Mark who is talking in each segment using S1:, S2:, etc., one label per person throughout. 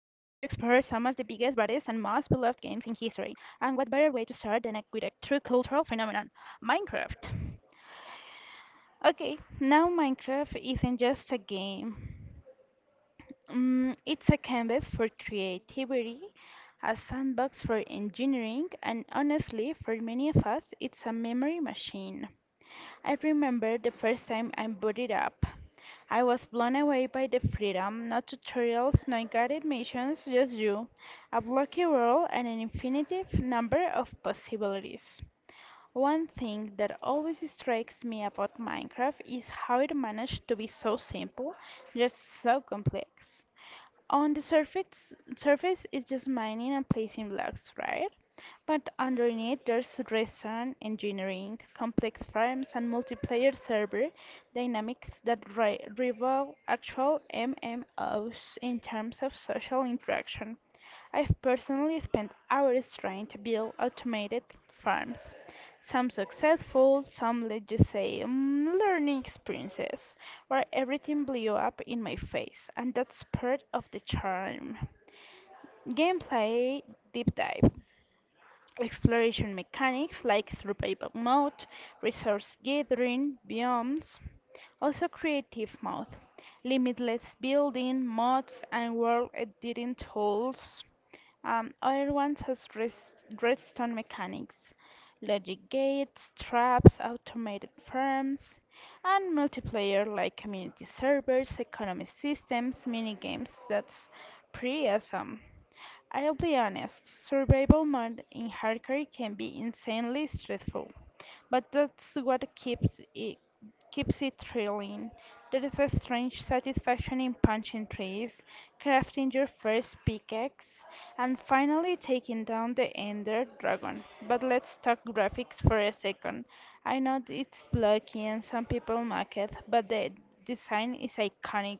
S1: games in history. And what better way to start than with a true cultural phenomenon: Minecraft. Okay, now Minecraft isn't just a game, it's a canvas for creativity, a sandbox for engineering, and honestly, for many of us, it's a memory machine. I remember the first time I booted up. I was blown away by the freedom: no tutorials, no guided missions, just you, a blocky world, and an infinitive number of possibilities. One thing that always strikes me about Minecraft is how it managed to be so simple, yet so complex. On the surface, is just mining and placing blocks, right? But underneath there's restaurant engineering, complex farms, and multiplayer server dynamics that rival actual MMOs in terms of social interaction. I've personally spent hours trying to build automated farms, some successful, some let's just say learning experiences, where everything blew up in my face, and that's part of the charm. Gameplay deep dive: exploration mechanics like survival mode, resource gathering, biomes; also creative mode, limitless building, mods, and world editing tools. Other ones as redstone mechanics, logic gates, traps, automated farms, and multiplayer like community servers, economy systems, mini games. That's pretty awesome. I'll be honest, survival mode in hardcore can be insanely stressful, but that's what keeps it thrilling. There is a strange satisfaction in punching trees, crafting your first pickaxe, and finally taking down the Ender Dragon. But let's talk graphics for a second. I know it's blocky and some people mock it, but the design is iconic.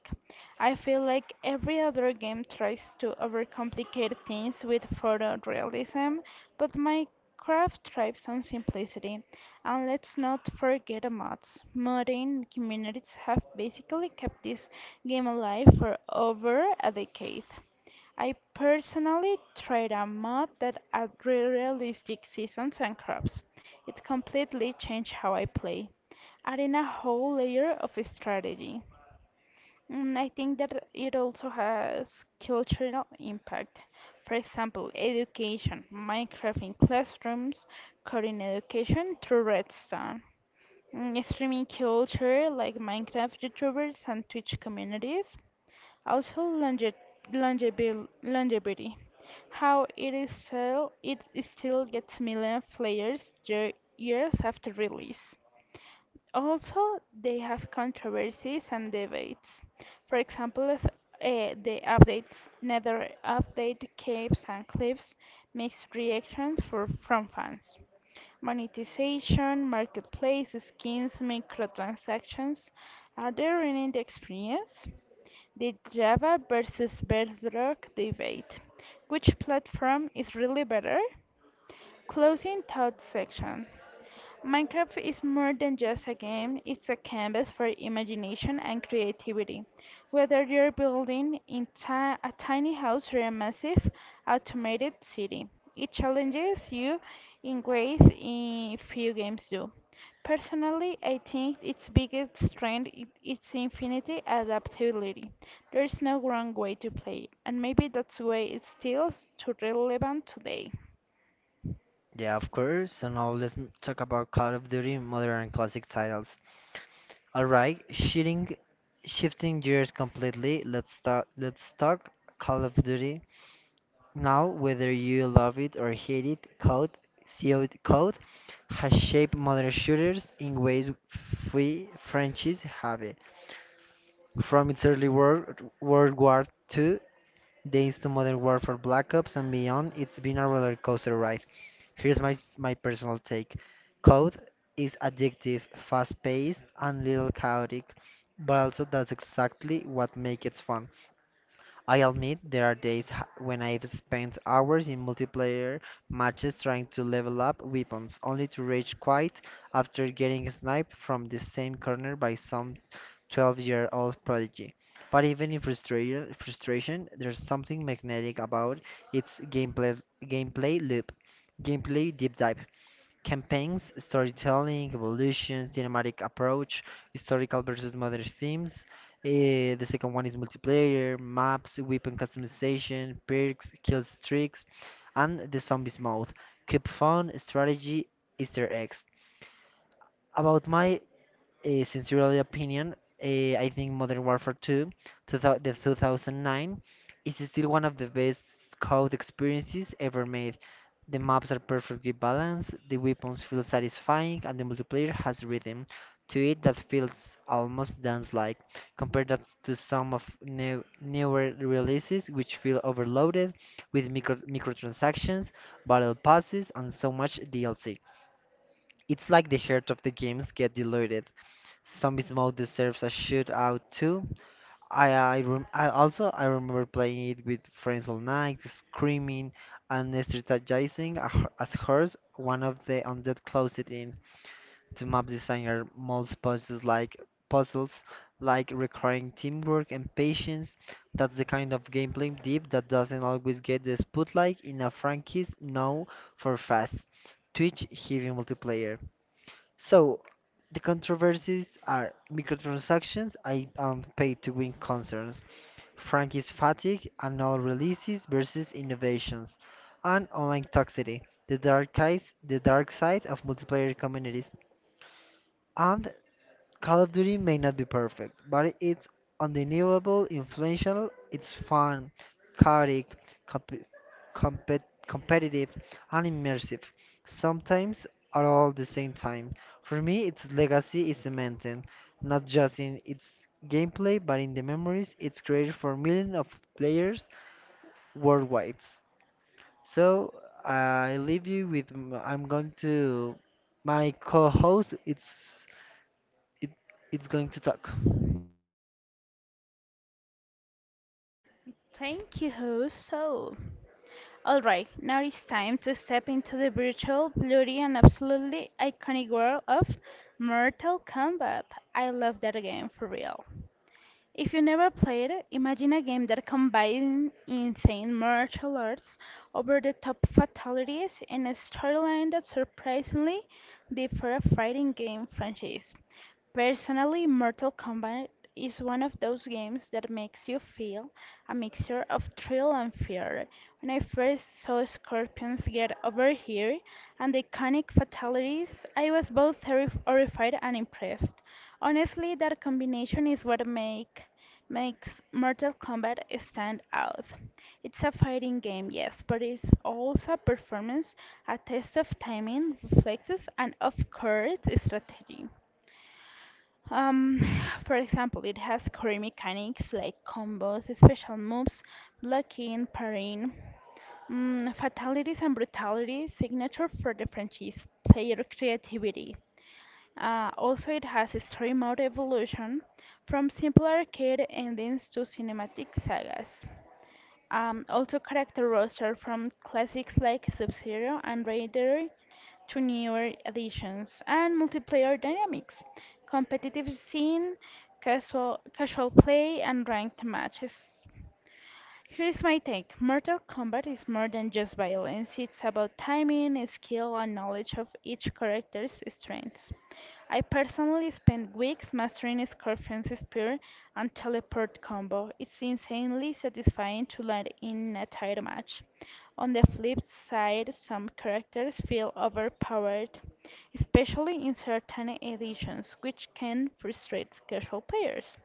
S1: I feel like every other game tries to overcomplicate things with photorealism, but Minecraft thrives on simplicity. And let's not forget the mods. Modern communities have basically kept this game alive for over a decade. I personally tried a mod that added realistic seasons and crops. It completely changed how I play, adding a whole layer of strategy. I think that it also has cultural impact. For example, education: Minecraft in classrooms, coding education through Redstone. Streaming culture like Minecraft YouTubers and Twitch communities. Also longevity. How it is still gets million players years after release. Also, they have controversies and debates. For example, the updates: Nether update, caves and clips, mixed reactions from fans; monetization, marketplace, skins, microtransactions. Are they ruining the experience? The Java versus Bedrock debate. Which platform is really better? Closing thoughts section. Minecraft is more than just a game, it's a canvas for imagination and creativity. Whether you're building a tiny house or a massive automated city, it challenges you in ways in few games do. Personally, I think its biggest strength is its infinite adaptability. There's no wrong way to play it, and maybe that's why it's still so relevant today.
S2: Yeah, of course. So now let's talk about Call of Duty modern and classic titles. All right, shifting gears completely. Let's talk Call of Duty. Now, whether you love it or hate it, Code has shaped modern shooters in ways we Frenchies have it. From its early work, World War II Days to Modern Warfare Black Ops and beyond, it's been a roller coaster ride. Here's my personal take. Code is addictive, fast paced, and little chaotic, but also that's exactly what makes it fun. I admit there are when I've spent hours in multiplayer matches trying to level up weapons, only to rage quit after getting sniped from the same corner by some 12-year-old prodigy. But even in frustration, there's something magnetic about its gameplay loop. Gameplay deep dive, campaigns, storytelling, evolution, cinematic approach, historical versus modern themes. The second one is multiplayer, maps, weapon customization, perks, kill streaks, and the zombies mode. Keep fun, strategy, Easter eggs. About my sincerely opinion, I think Modern Warfare 2, the 2009, is still one of the best COD experiences ever made. The maps are perfectly balanced, the weapons feel satisfying, and the multiplayer has rhythm to it that feels almost dance-like. Compare that to some of newer releases, which feel overloaded with microtransactions, battle passes, and so much DLC. It's like the heart of the games get diluted. Zombies mode deserves a shootout too. I, rem- I also I remember playing it with friends all night, screaming and strategizing as hers. One of the undead closed it in. The map designer molds puzzles like requiring teamwork and patience. That's the kind of gameplay deep that doesn't always get the spotlight in a franchise. No, for fast Twitch heavy multiplayer. So, the controversies are microtransactions, I am paid to win concerns, Frankie's fatigue, annual releases versus innovations, and online toxicity, the dark side of multiplayer communities, and Call of Duty may not be perfect, but it's undeniable, influential, it's fun, chaotic, comp- competitive, and immersive, sometimes at all the same time. For me, its legacy is cemented, not just in its gameplay, but in the memories it's created for millions of players worldwide. So, I leave you with, m- I'm going to, my co-host, it's, it, it's going to talk.
S1: Thank you. So, all right, now it's time to step into the virtual, bloody, and absolutely iconic world of Mortal Kombat. I love that game for real. If you never played it, imagine a game that combines insane martial arts, over-the-top fatalities, and a storyline that surprisingly differ a fighting game franchise. Personally, Mortal Kombat is one of those games that makes you feel a mixture of thrill and fear. When I first saw Scorpions get over here and the iconic fatalities, I was both horrified and impressed. Honestly, that combination is what makes Mortal Kombat stand out. It's a fighting game, yes, but it's also a performance, a test of timing, reflexes, and of course, strategy. Um, for example, it has core mechanics like combos, special moves, blocking, parrying, fatalities and brutalities, signature for the franchise, player creativity. Also, it has a story mode evolution from simple arcade endings to cinematic sagas. Also, character roster from classics like Sub Zero and Raider to newer additions, and multiplayer dynamics, competitive scene, casual play, and ranked matches. Here's my take: Mortal Kombat is more than just violence, it's about timing, skill, and knowledge of each character's strengths. I personally spent weeks mastering Scorpion's Spear and Teleport combo. It's insanely satisfying to land in a title match. On the flip side, some characters feel overpowered, especially in certain editions, which can frustrate casual players.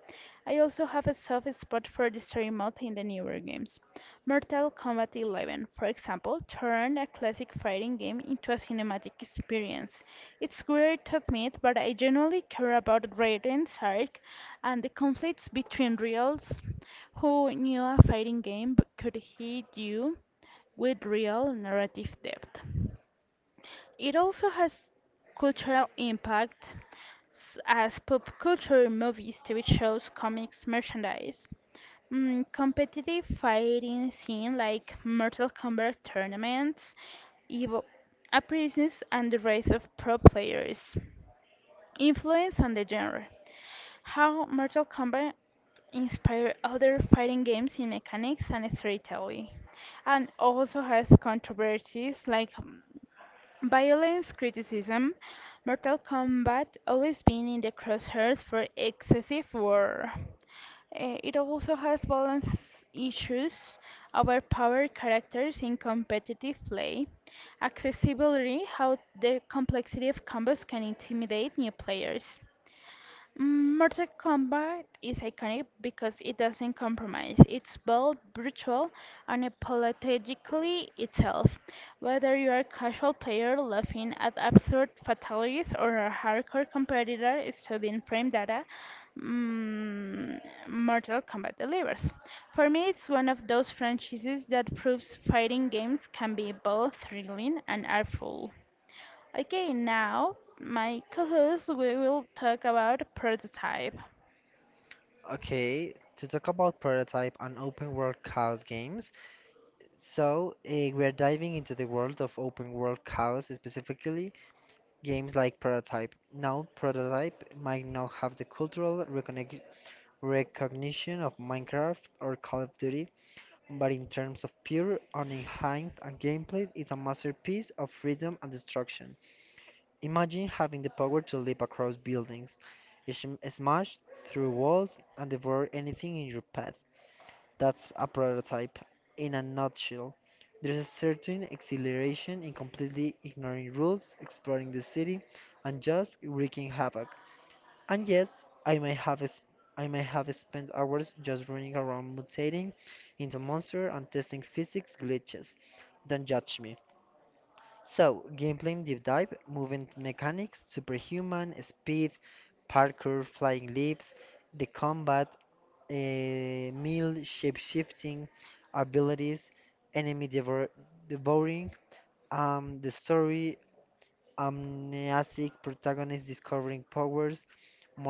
S1: I also have a soft spot for the story mode in the newer games. Mortal Kombat 11, for example, turned a classic fighting game into a cinematic experience. It's great to admit, but I genuinely care about Red and Sark and the conflicts between reals. Who knew a fighting game but could hit you with real narrative depth? It also has cultural impact as pop culture: movies, TV shows, comics, merchandise. Competitive fighting scene like Mortal Kombat tournaments, Evo appearances, and the rise of pro players. Influence on the genre. How Mortal Kombat inspired other fighting games in mechanics and storytelling, and also has controversies like violence criticism. Mortal Kombat always been in the crosshairs for excessive war. It also has balance issues, overpowered characters in competitive play, accessibility, how the complexity of combos can intimidate new players. Mortal Kombat is iconic because it doesn't compromise. It's bold, brutal, and apologetically itself. Whether you're a casual player laughing at absurd fatalities or a hardcore competitor studying frame data, mm, Mortal Kombat delivers. For me, it's one of those franchises that proves fighting games can be both thrilling and artful. Okay, now my co-host we will talk about prototype.
S2: Okay, to talk about prototype and open world chaos games. So, we're diving into the world of open world chaos, specifically games like Prototype. Now, Prototype might not have the cultural recognition of Minecraft or Call of Duty, but in terms of pure, unenhanced and gameplay, it's a masterpiece of freedom and destruction. Imagine having the power to leap across buildings, smash through walls, and devour anything in your path. That's a prototype in a nutshell. There's a certain exhilaration in completely ignoring rules, exploring the city, and just wreaking havoc. And yes, I may have spent hours just running around mutating into monster and testing physics glitches. Don't judge me. So, gameplay deep dive, movement mechanics, superhuman, speed, parkour, flying leaps, the combat, meal shape-shifting abilities, enemy devouring, the story, amnesic protagonist discovering powers,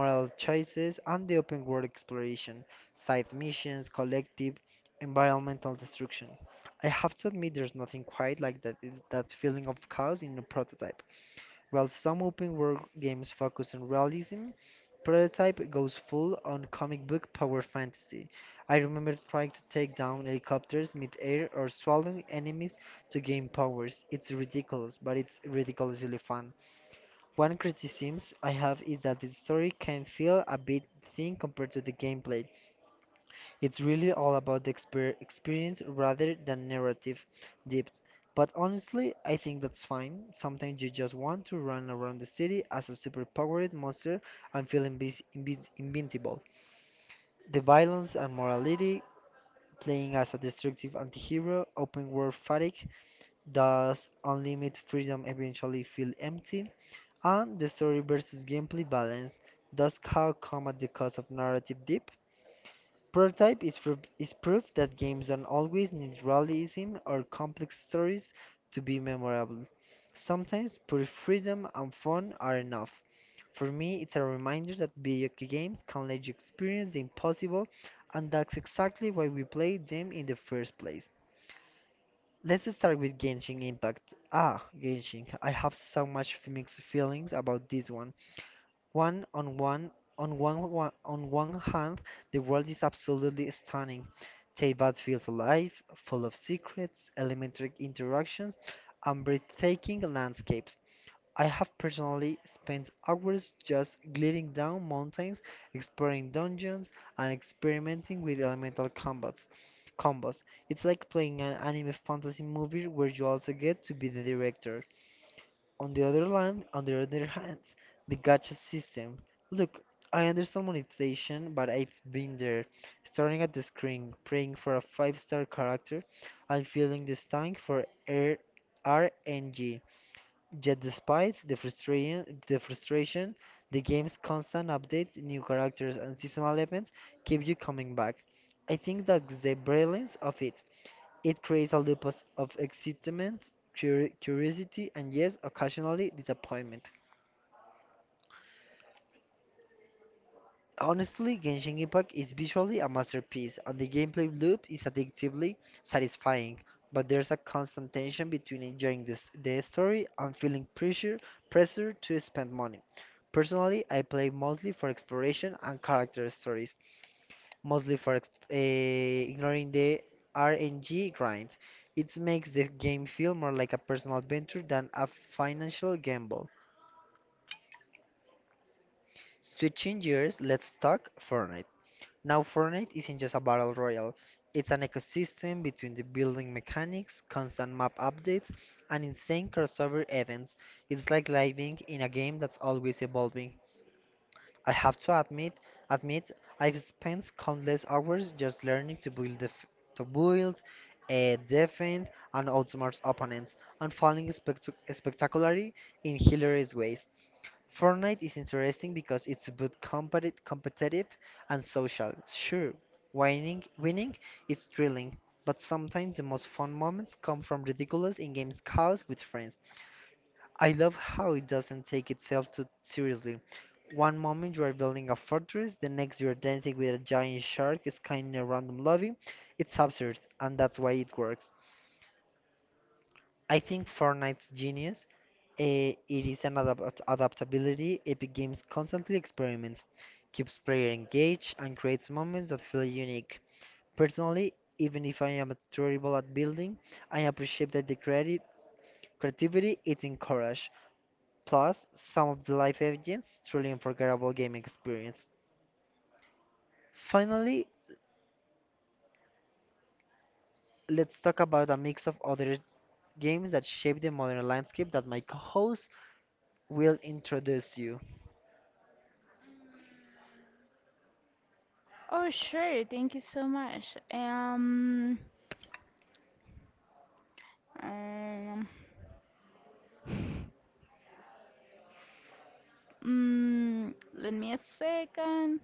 S2: moral choices, and the open world exploration, side missions, collective, environmental destruction. I have to admit, there's nothing quite like that feeling of chaos in a prototype. While some open world games focus on realism, Prototype goes full on comic book power fantasy. I remember trying to take down helicopters mid-air or swallowing enemies to gain powers. It's ridiculous, but it's ridiculously fun. One criticism I have is that the story can feel a bit thin compared to the gameplay. It's really all about the experience rather than narrative depth. But honestly, I think that's fine. Sometimes you just want to run around the city as a superpowered monster and feel invis invis invincible. The violence and morality, playing as a destructive anti-hero, open world fatigue, does unlimited freedom eventually feel empty, and the story versus gameplay balance does how come at the cost of narrative depth. Prototype is proof that games don't always need realism or complex stories to be memorable. Sometimes pure freedom and fun are enough. For me, it's a reminder that video games can let you experience the impossible, and that's exactly why we played them in the first place. Let's start with Genshin Impact. Ah, Genshin, I have so much mixed feelings about this one. One on one on one hand, the world is absolutely stunning. Teyvat feels alive, full of secrets, elementary interactions, and breathtaking landscapes. I have personally spent hours just gliding down mountains, exploring dungeons, and experimenting with elemental combats. Combos. It's like playing an anime fantasy movie where you also get to be the director. On the other hand, the gacha system. Look, I understand monetization, but I've been there, staring at the screen, praying for a five-star character, and feeling this tank for R RNG. Yet despite the frustration, the game's constant updates, new characters, and seasonal events keep you coming back. I think that's the brilliance of it. It creates a loop of excitement, curiosity, and yes, occasionally disappointment. Honestly, Genshin Impact is visually a masterpiece, and the gameplay loop is addictively satisfying, but there's a constant tension between enjoying this, the story and feeling pressure to spend money. Personally, I play mostly for exploration and character stories, mostly for ex- eh, ignoring the RNG grind. It makes the game feel more like a personal adventure than a financial gamble. Switching gears, let's talk Fortnite. Now, Fortnite isn't just a battle royale, it's an ecosystem between the building mechanics, constant map updates, and insane crossover events. It's like living in a game that's always evolving. I have to admit I've spent countless hours just learning to build, defend, and outsmart opponents, and falling spectacularly in hilarious ways. Fortnite is interesting because it's both competitive and social. Sure, winning is thrilling, but sometimes the most fun moments come from ridiculous in-game chaos with friends. I love how it doesn't take itself too seriously. One moment you are building a fortress, the next you are dancing with a giant shark skinning a random lobby. It's absurd, and that's why it works. I think Fortnite's genius, it is an adaptability. Epic Games constantly experiments, keeps player engaged, and creates moments that feel unique. Personally, even if I am terrible at building, I appreciate that the creative creativity it encourages. Plus some of the live agents, truly unforgettable gaming experience. Finally, let's talk about a mix of other games that shape the modern landscape that my co-host will introduce you.
S1: Oh sure, thank you so much. Um, let me a second.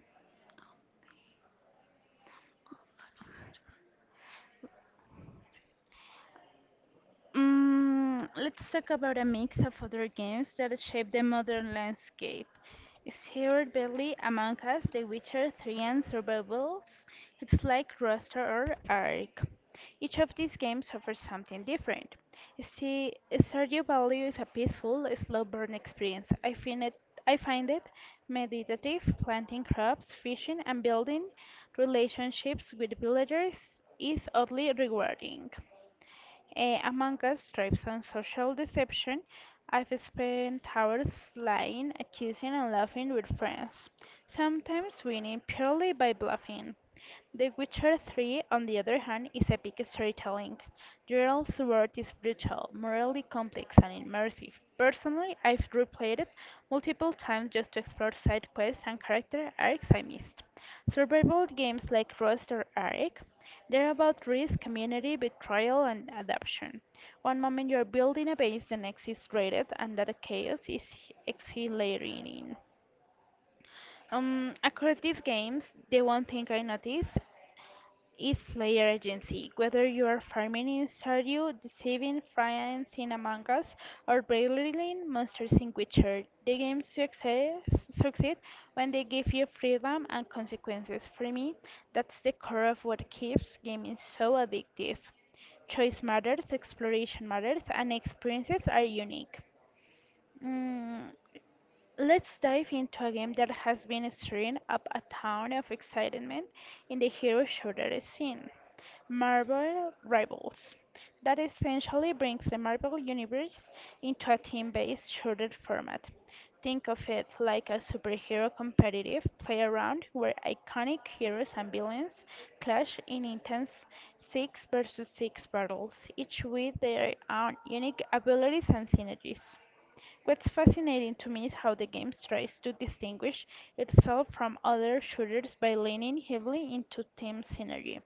S1: Let's talk about a mix of other games that shape the modern landscape. Is Hero Belly, Among Us, The Witcher 3, and Survivals? It's like Roster or Ark. Each of these games offers something different. See, Stardew Valley is a peaceful, slow burn experience. I find it meditative, planting crops, fishing, and building relationships with villagers is oddly rewarding. Among us, tribes and social deception, I've spent hours lying, accusing, and laughing with friends. Sometimes winning purely by bluffing. The Witcher 3, on the other hand, is epic storytelling. Gerald's Sword is brutal, morally complex, and immersive. Personally, I've replayed it multiple times just to explore side quests and character arcs I missed. Survival games like Rust or Ark, they're about risk, community, betrayal, and adaption. One moment you're building a base, the next is raided, and that chaos is exhilarating. Across these games, the one thing I noticed is player agency. Whether you are farming in Stardew, deceiving friends in Among Us, or battling monsters in Witcher, the succeed when they give you freedom and consequences. For me, that's the core of what keeps gaming so addictive. Choice matters, exploration matters, and experiences are unique. Mm, Let's dive into a game that has been stirring up a town of excitement in the hero shooter scene: Marvel Rivals. That essentially brings the Marvel universe into a team-based shooter format. Think of it like a superhero competitive play around where iconic heroes and villains clash in intense 6 versus 6 battles, each with their own unique abilities and synergies. What's fascinating to me is how the game tries to distinguish itself from other shooters by leaning heavily into team synergy.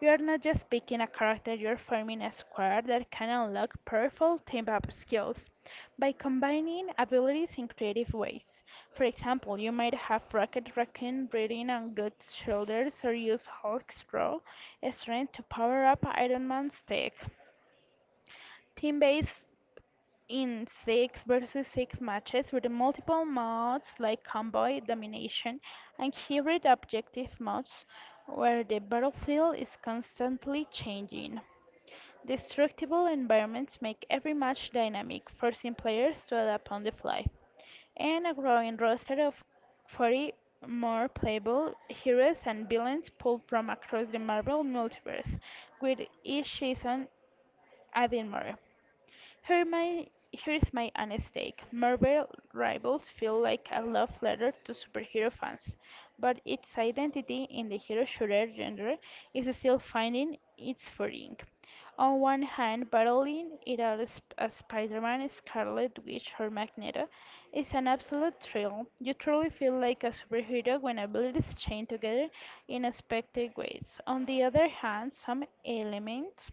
S1: You are not just picking a character, you're forming a squad that can unlock powerful team up skills by combining abilities in creative ways. For example, you might have Rocket Raccoon breathing on Groot's shoulders or use Hulk's raw strength to power up Iron Man's tech. Team based in six versus six matches with multiple modes like convoy domination and hybrid objective modes where the battlefield is constantly changing. Destructible environments make every match dynamic, forcing players to adapt on the fly, and a growing roster of 40 more playable heroes and villains pulled from across the Marvel multiverse, with each season adding more. Here's my honest take. Marvel Rivals feel like a love letter to superhero fans, but its identity in the hero shooter genre is still finding its footing. On one hand, battling it out as Spider-Man, Scarlet Witch, or Magneto is an absolute thrill. You truly feel like a superhero when abilities chain together in expected ways. On the other hand, some elements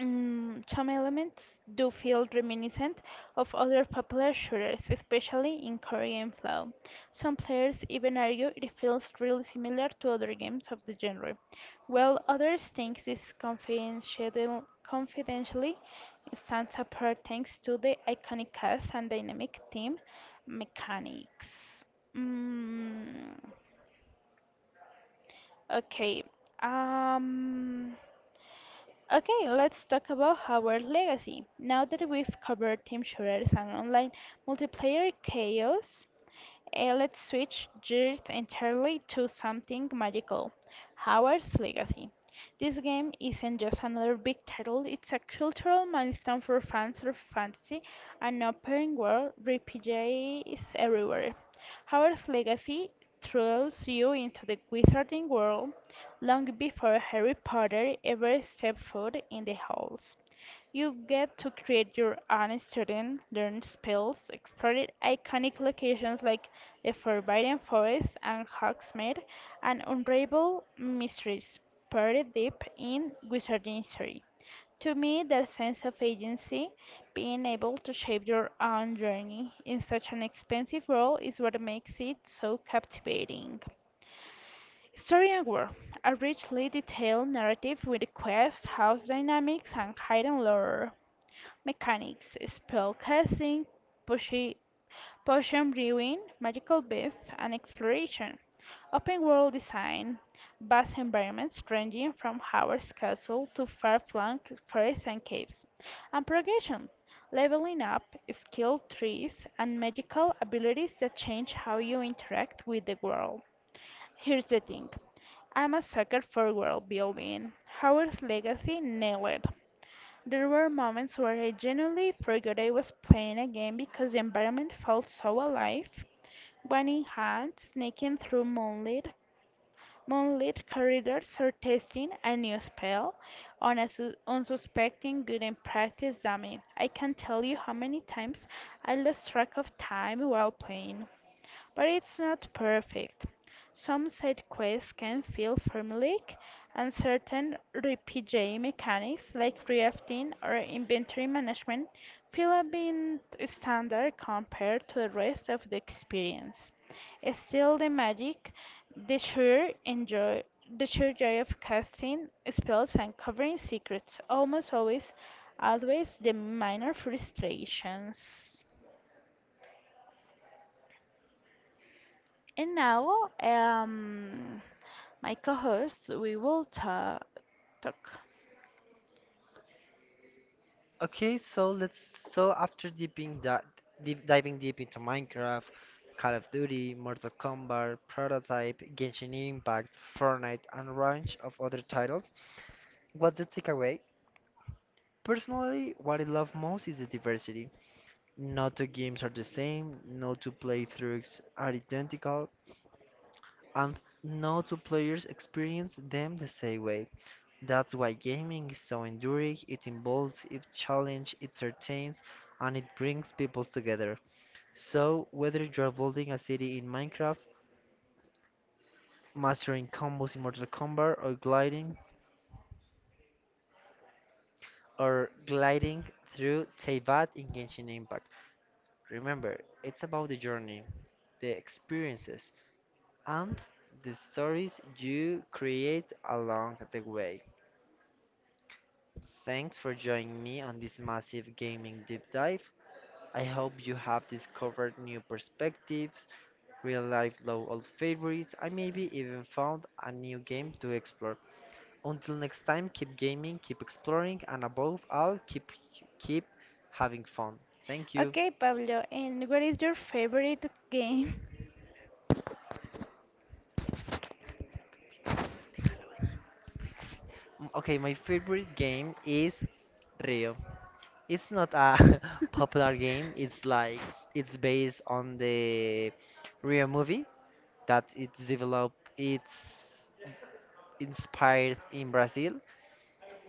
S1: Mm, some elements do feel reminiscent of other popular shooters, especially in Korean Flow. Some players even argue it feels really similar to other games of the genre, while others think this confidentially stands apart thanks to the iconic cast and dynamic team mechanics. Mm, okay. Um. Okay, let's talk about Howard's legacy. Now that we've covered team shooters and online multiplayer chaos, let's switch gears entirely to something magical: Howard's Legacy. This game isn't just another big title, it's a cultural milestone for fans of fantasy and open world RPGs everywhere. Howard's Legacy throws you into the wizarding world long before Harry Potter ever stepped foot in the halls. You get to create your own student, learn spells, explore iconic locations like the Forbidden Forest and Hogsmeade, and unravel mysteries buried deep in wizarding history. To me, that sense of agency, being able to shape your own journey in such an expensive world, is what makes it so captivating. Story and War, a richly detailed narrative with quests, house dynamics, and hidden lore mechanics, spellcasting, poshi- potion brewing, magical beasts, and exploration. Open world design, vast environments ranging from Howard's Castle to far-flung forests and caves. And progression, leveling up, skill trees, and magical abilities that change how you interact with the world. Here's the thing. I'm a sucker for world building. Howard's Legacy nailed it. There were moments where I genuinely forgot I was playing a game because the environment felt so alive. One in hand, sneaking through moonlit corridors or testing a new spell on a unsuspecting good and practice dummy. I can't tell you how many times I lost track of time while playing. But it's not perfect. Some side quests can feel formulaic, and certain RPG mechanics like crafting or inventory management feel a bit standard compared to the rest of the experience. Still, the magic, the sheer enjoy, the sheer joy of casting spells and covering secrets almost always outweighs the minor frustrations. And now, my co host, we will talk.
S2: Okay, so let's, so after diving deep into Minecraft, Call of Duty, Mortal Kombat, Prototype, Genshin Impact, Fortnite, and a range of other titles, what's the takeaway? Personally, what I love most is the diversity. No two games are the same, no two playthroughs are identical, and no two players experience them the same way. That's why gaming is so enduring, it involves, it challenges, it entertains, and it brings people together. So, whether you're building a city in Minecraft, mastering combos in Mortal Kombat, or gliding through Teyvat in Genshin Impact, remember, it's about the journey, the experiences, and the stories you create along the way. Thanks for joining me on this massive gaming deep dive. I hope you have discovered new perspectives, real life low old favorites, and maybe even found a new game to explore. Until next time, keep gaming, keep exploring, and above all, keep having fun. Thank you.
S1: Okay, Pablo, and what is your favorite game?
S2: Mm, okay, my favorite game is Rio. It's not a popular game. It's like it's based on the real movie that it's developed. It's inspired in Brazil,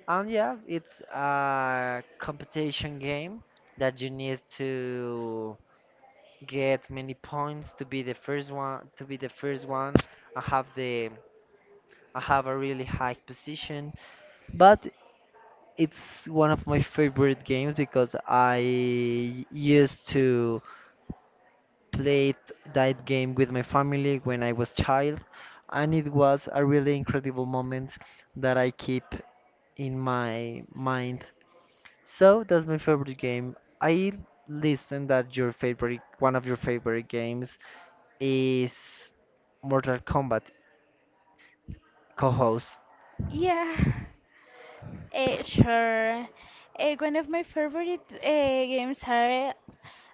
S2: and yeah, it's a competition game that you need to get many points to be the first one. To be the first one, I have the I have a really high position, but it's one of my favorite games because I used to played that game with my family when I was child, and it was a really incredible moment that I keep in my mind. So that's my favorite game. I listen that your favorite one of your favorite games is Mortal Kombat co-host.
S1: Yeah, sure. One of my favorite games are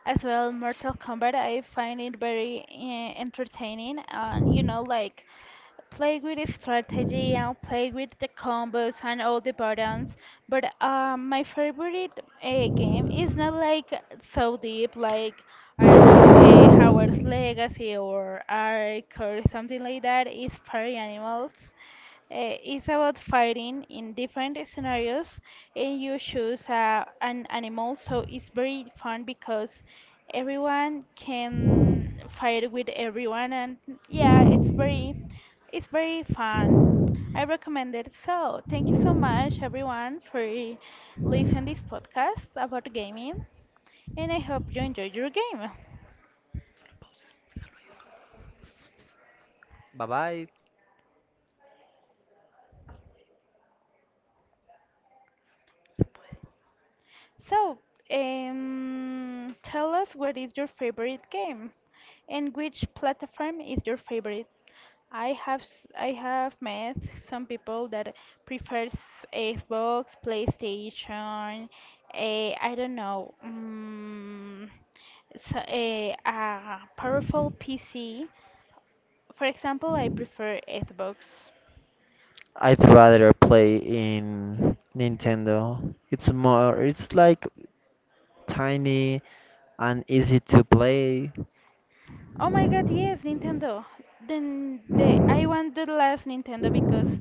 S1: as well mortal kombat. I find it very entertaining, and you know, like play with the strategy and play with the combos and all the buttons, but my favorite game is not like so deep like, I don't know, a howard's legacy or ark or something like that. It's party animals. It's about fighting in different scenarios, and you choose an animal, so it's very fun because everyone can fight with everyone, and yeah, it's very fun. I recommend it. So thank you so much, everyone, for listening this podcast about gaming, and I hope you enjoyed your game.
S2: Bye bye.
S1: So, tell us what is your favorite game and which platform is your favorite? I have met some people that prefers Xbox, PlayStation, I don't know, so, a powerful PC. For example, I prefer Xbox.
S2: I'd rather play in Nintendo. It's like tiny and easy to play.
S1: Oh my God, yes, Nintendo. Then the I want the last Nintendo because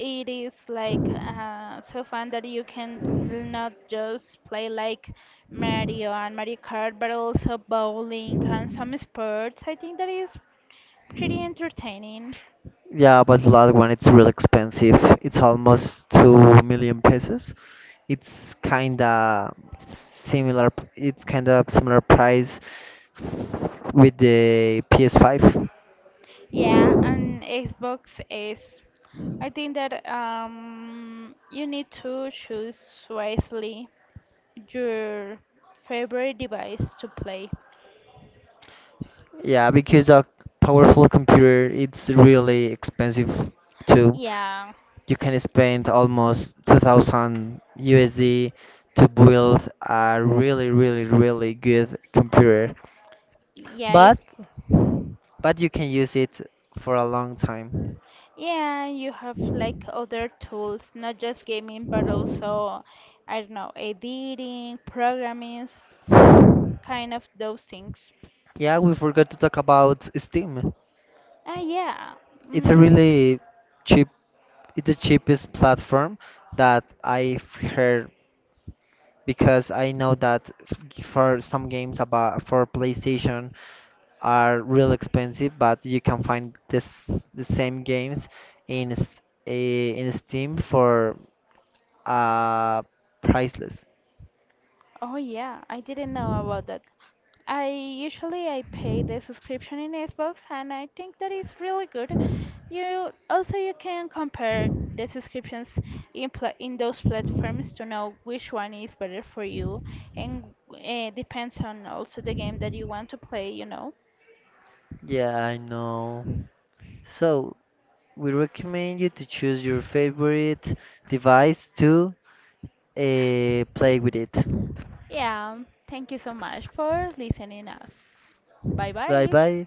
S1: it is like so fun that you can not just play like Mario and Mario Kart, but also bowling and some sports. I think that is pretty entertaining.
S2: Yeah, but the last one it's real expensive. It's almost 2 million pesos. It's kinda similar. It's kinda similar price with the PS5.
S1: Yeah, and Xbox is. I think that you need to choose wisely your favorite device to play.
S2: Yeah, because a powerful computer it's really expensive too.
S1: Yeah,
S2: You can spend almost 2000 USD to build a really really really good computer.
S1: yeah, it's
S2: But but you can use it for a long time.
S1: Yeah, you have like other tools, not just gaming, but also, I don't know, editing, programming, some kind of those things.
S2: Yeah, we forgot to talk about Steam.
S1: Ah, yeah.
S2: It's a
S1: Mm.
S2: cheap, it's the cheapest platform that I've heard because I know that for some games about for PlayStation are real expensive, but you can find this the same games in s- in Steam for uh priceless.
S1: Oh, yeah, I didn't know about that. I usually I pay the subscription in Xbox, and I think that is really good. You also you can compare the subscriptions in those platforms to know which one is better for you, and depends on also the game that you want to play, you know.
S2: Yeah, I know. So, we recommend you to choose your favorite device to play with it.
S1: Yeah, thank you so much for listening us. Bye
S2: Bye
S1: bye.
S2: bye.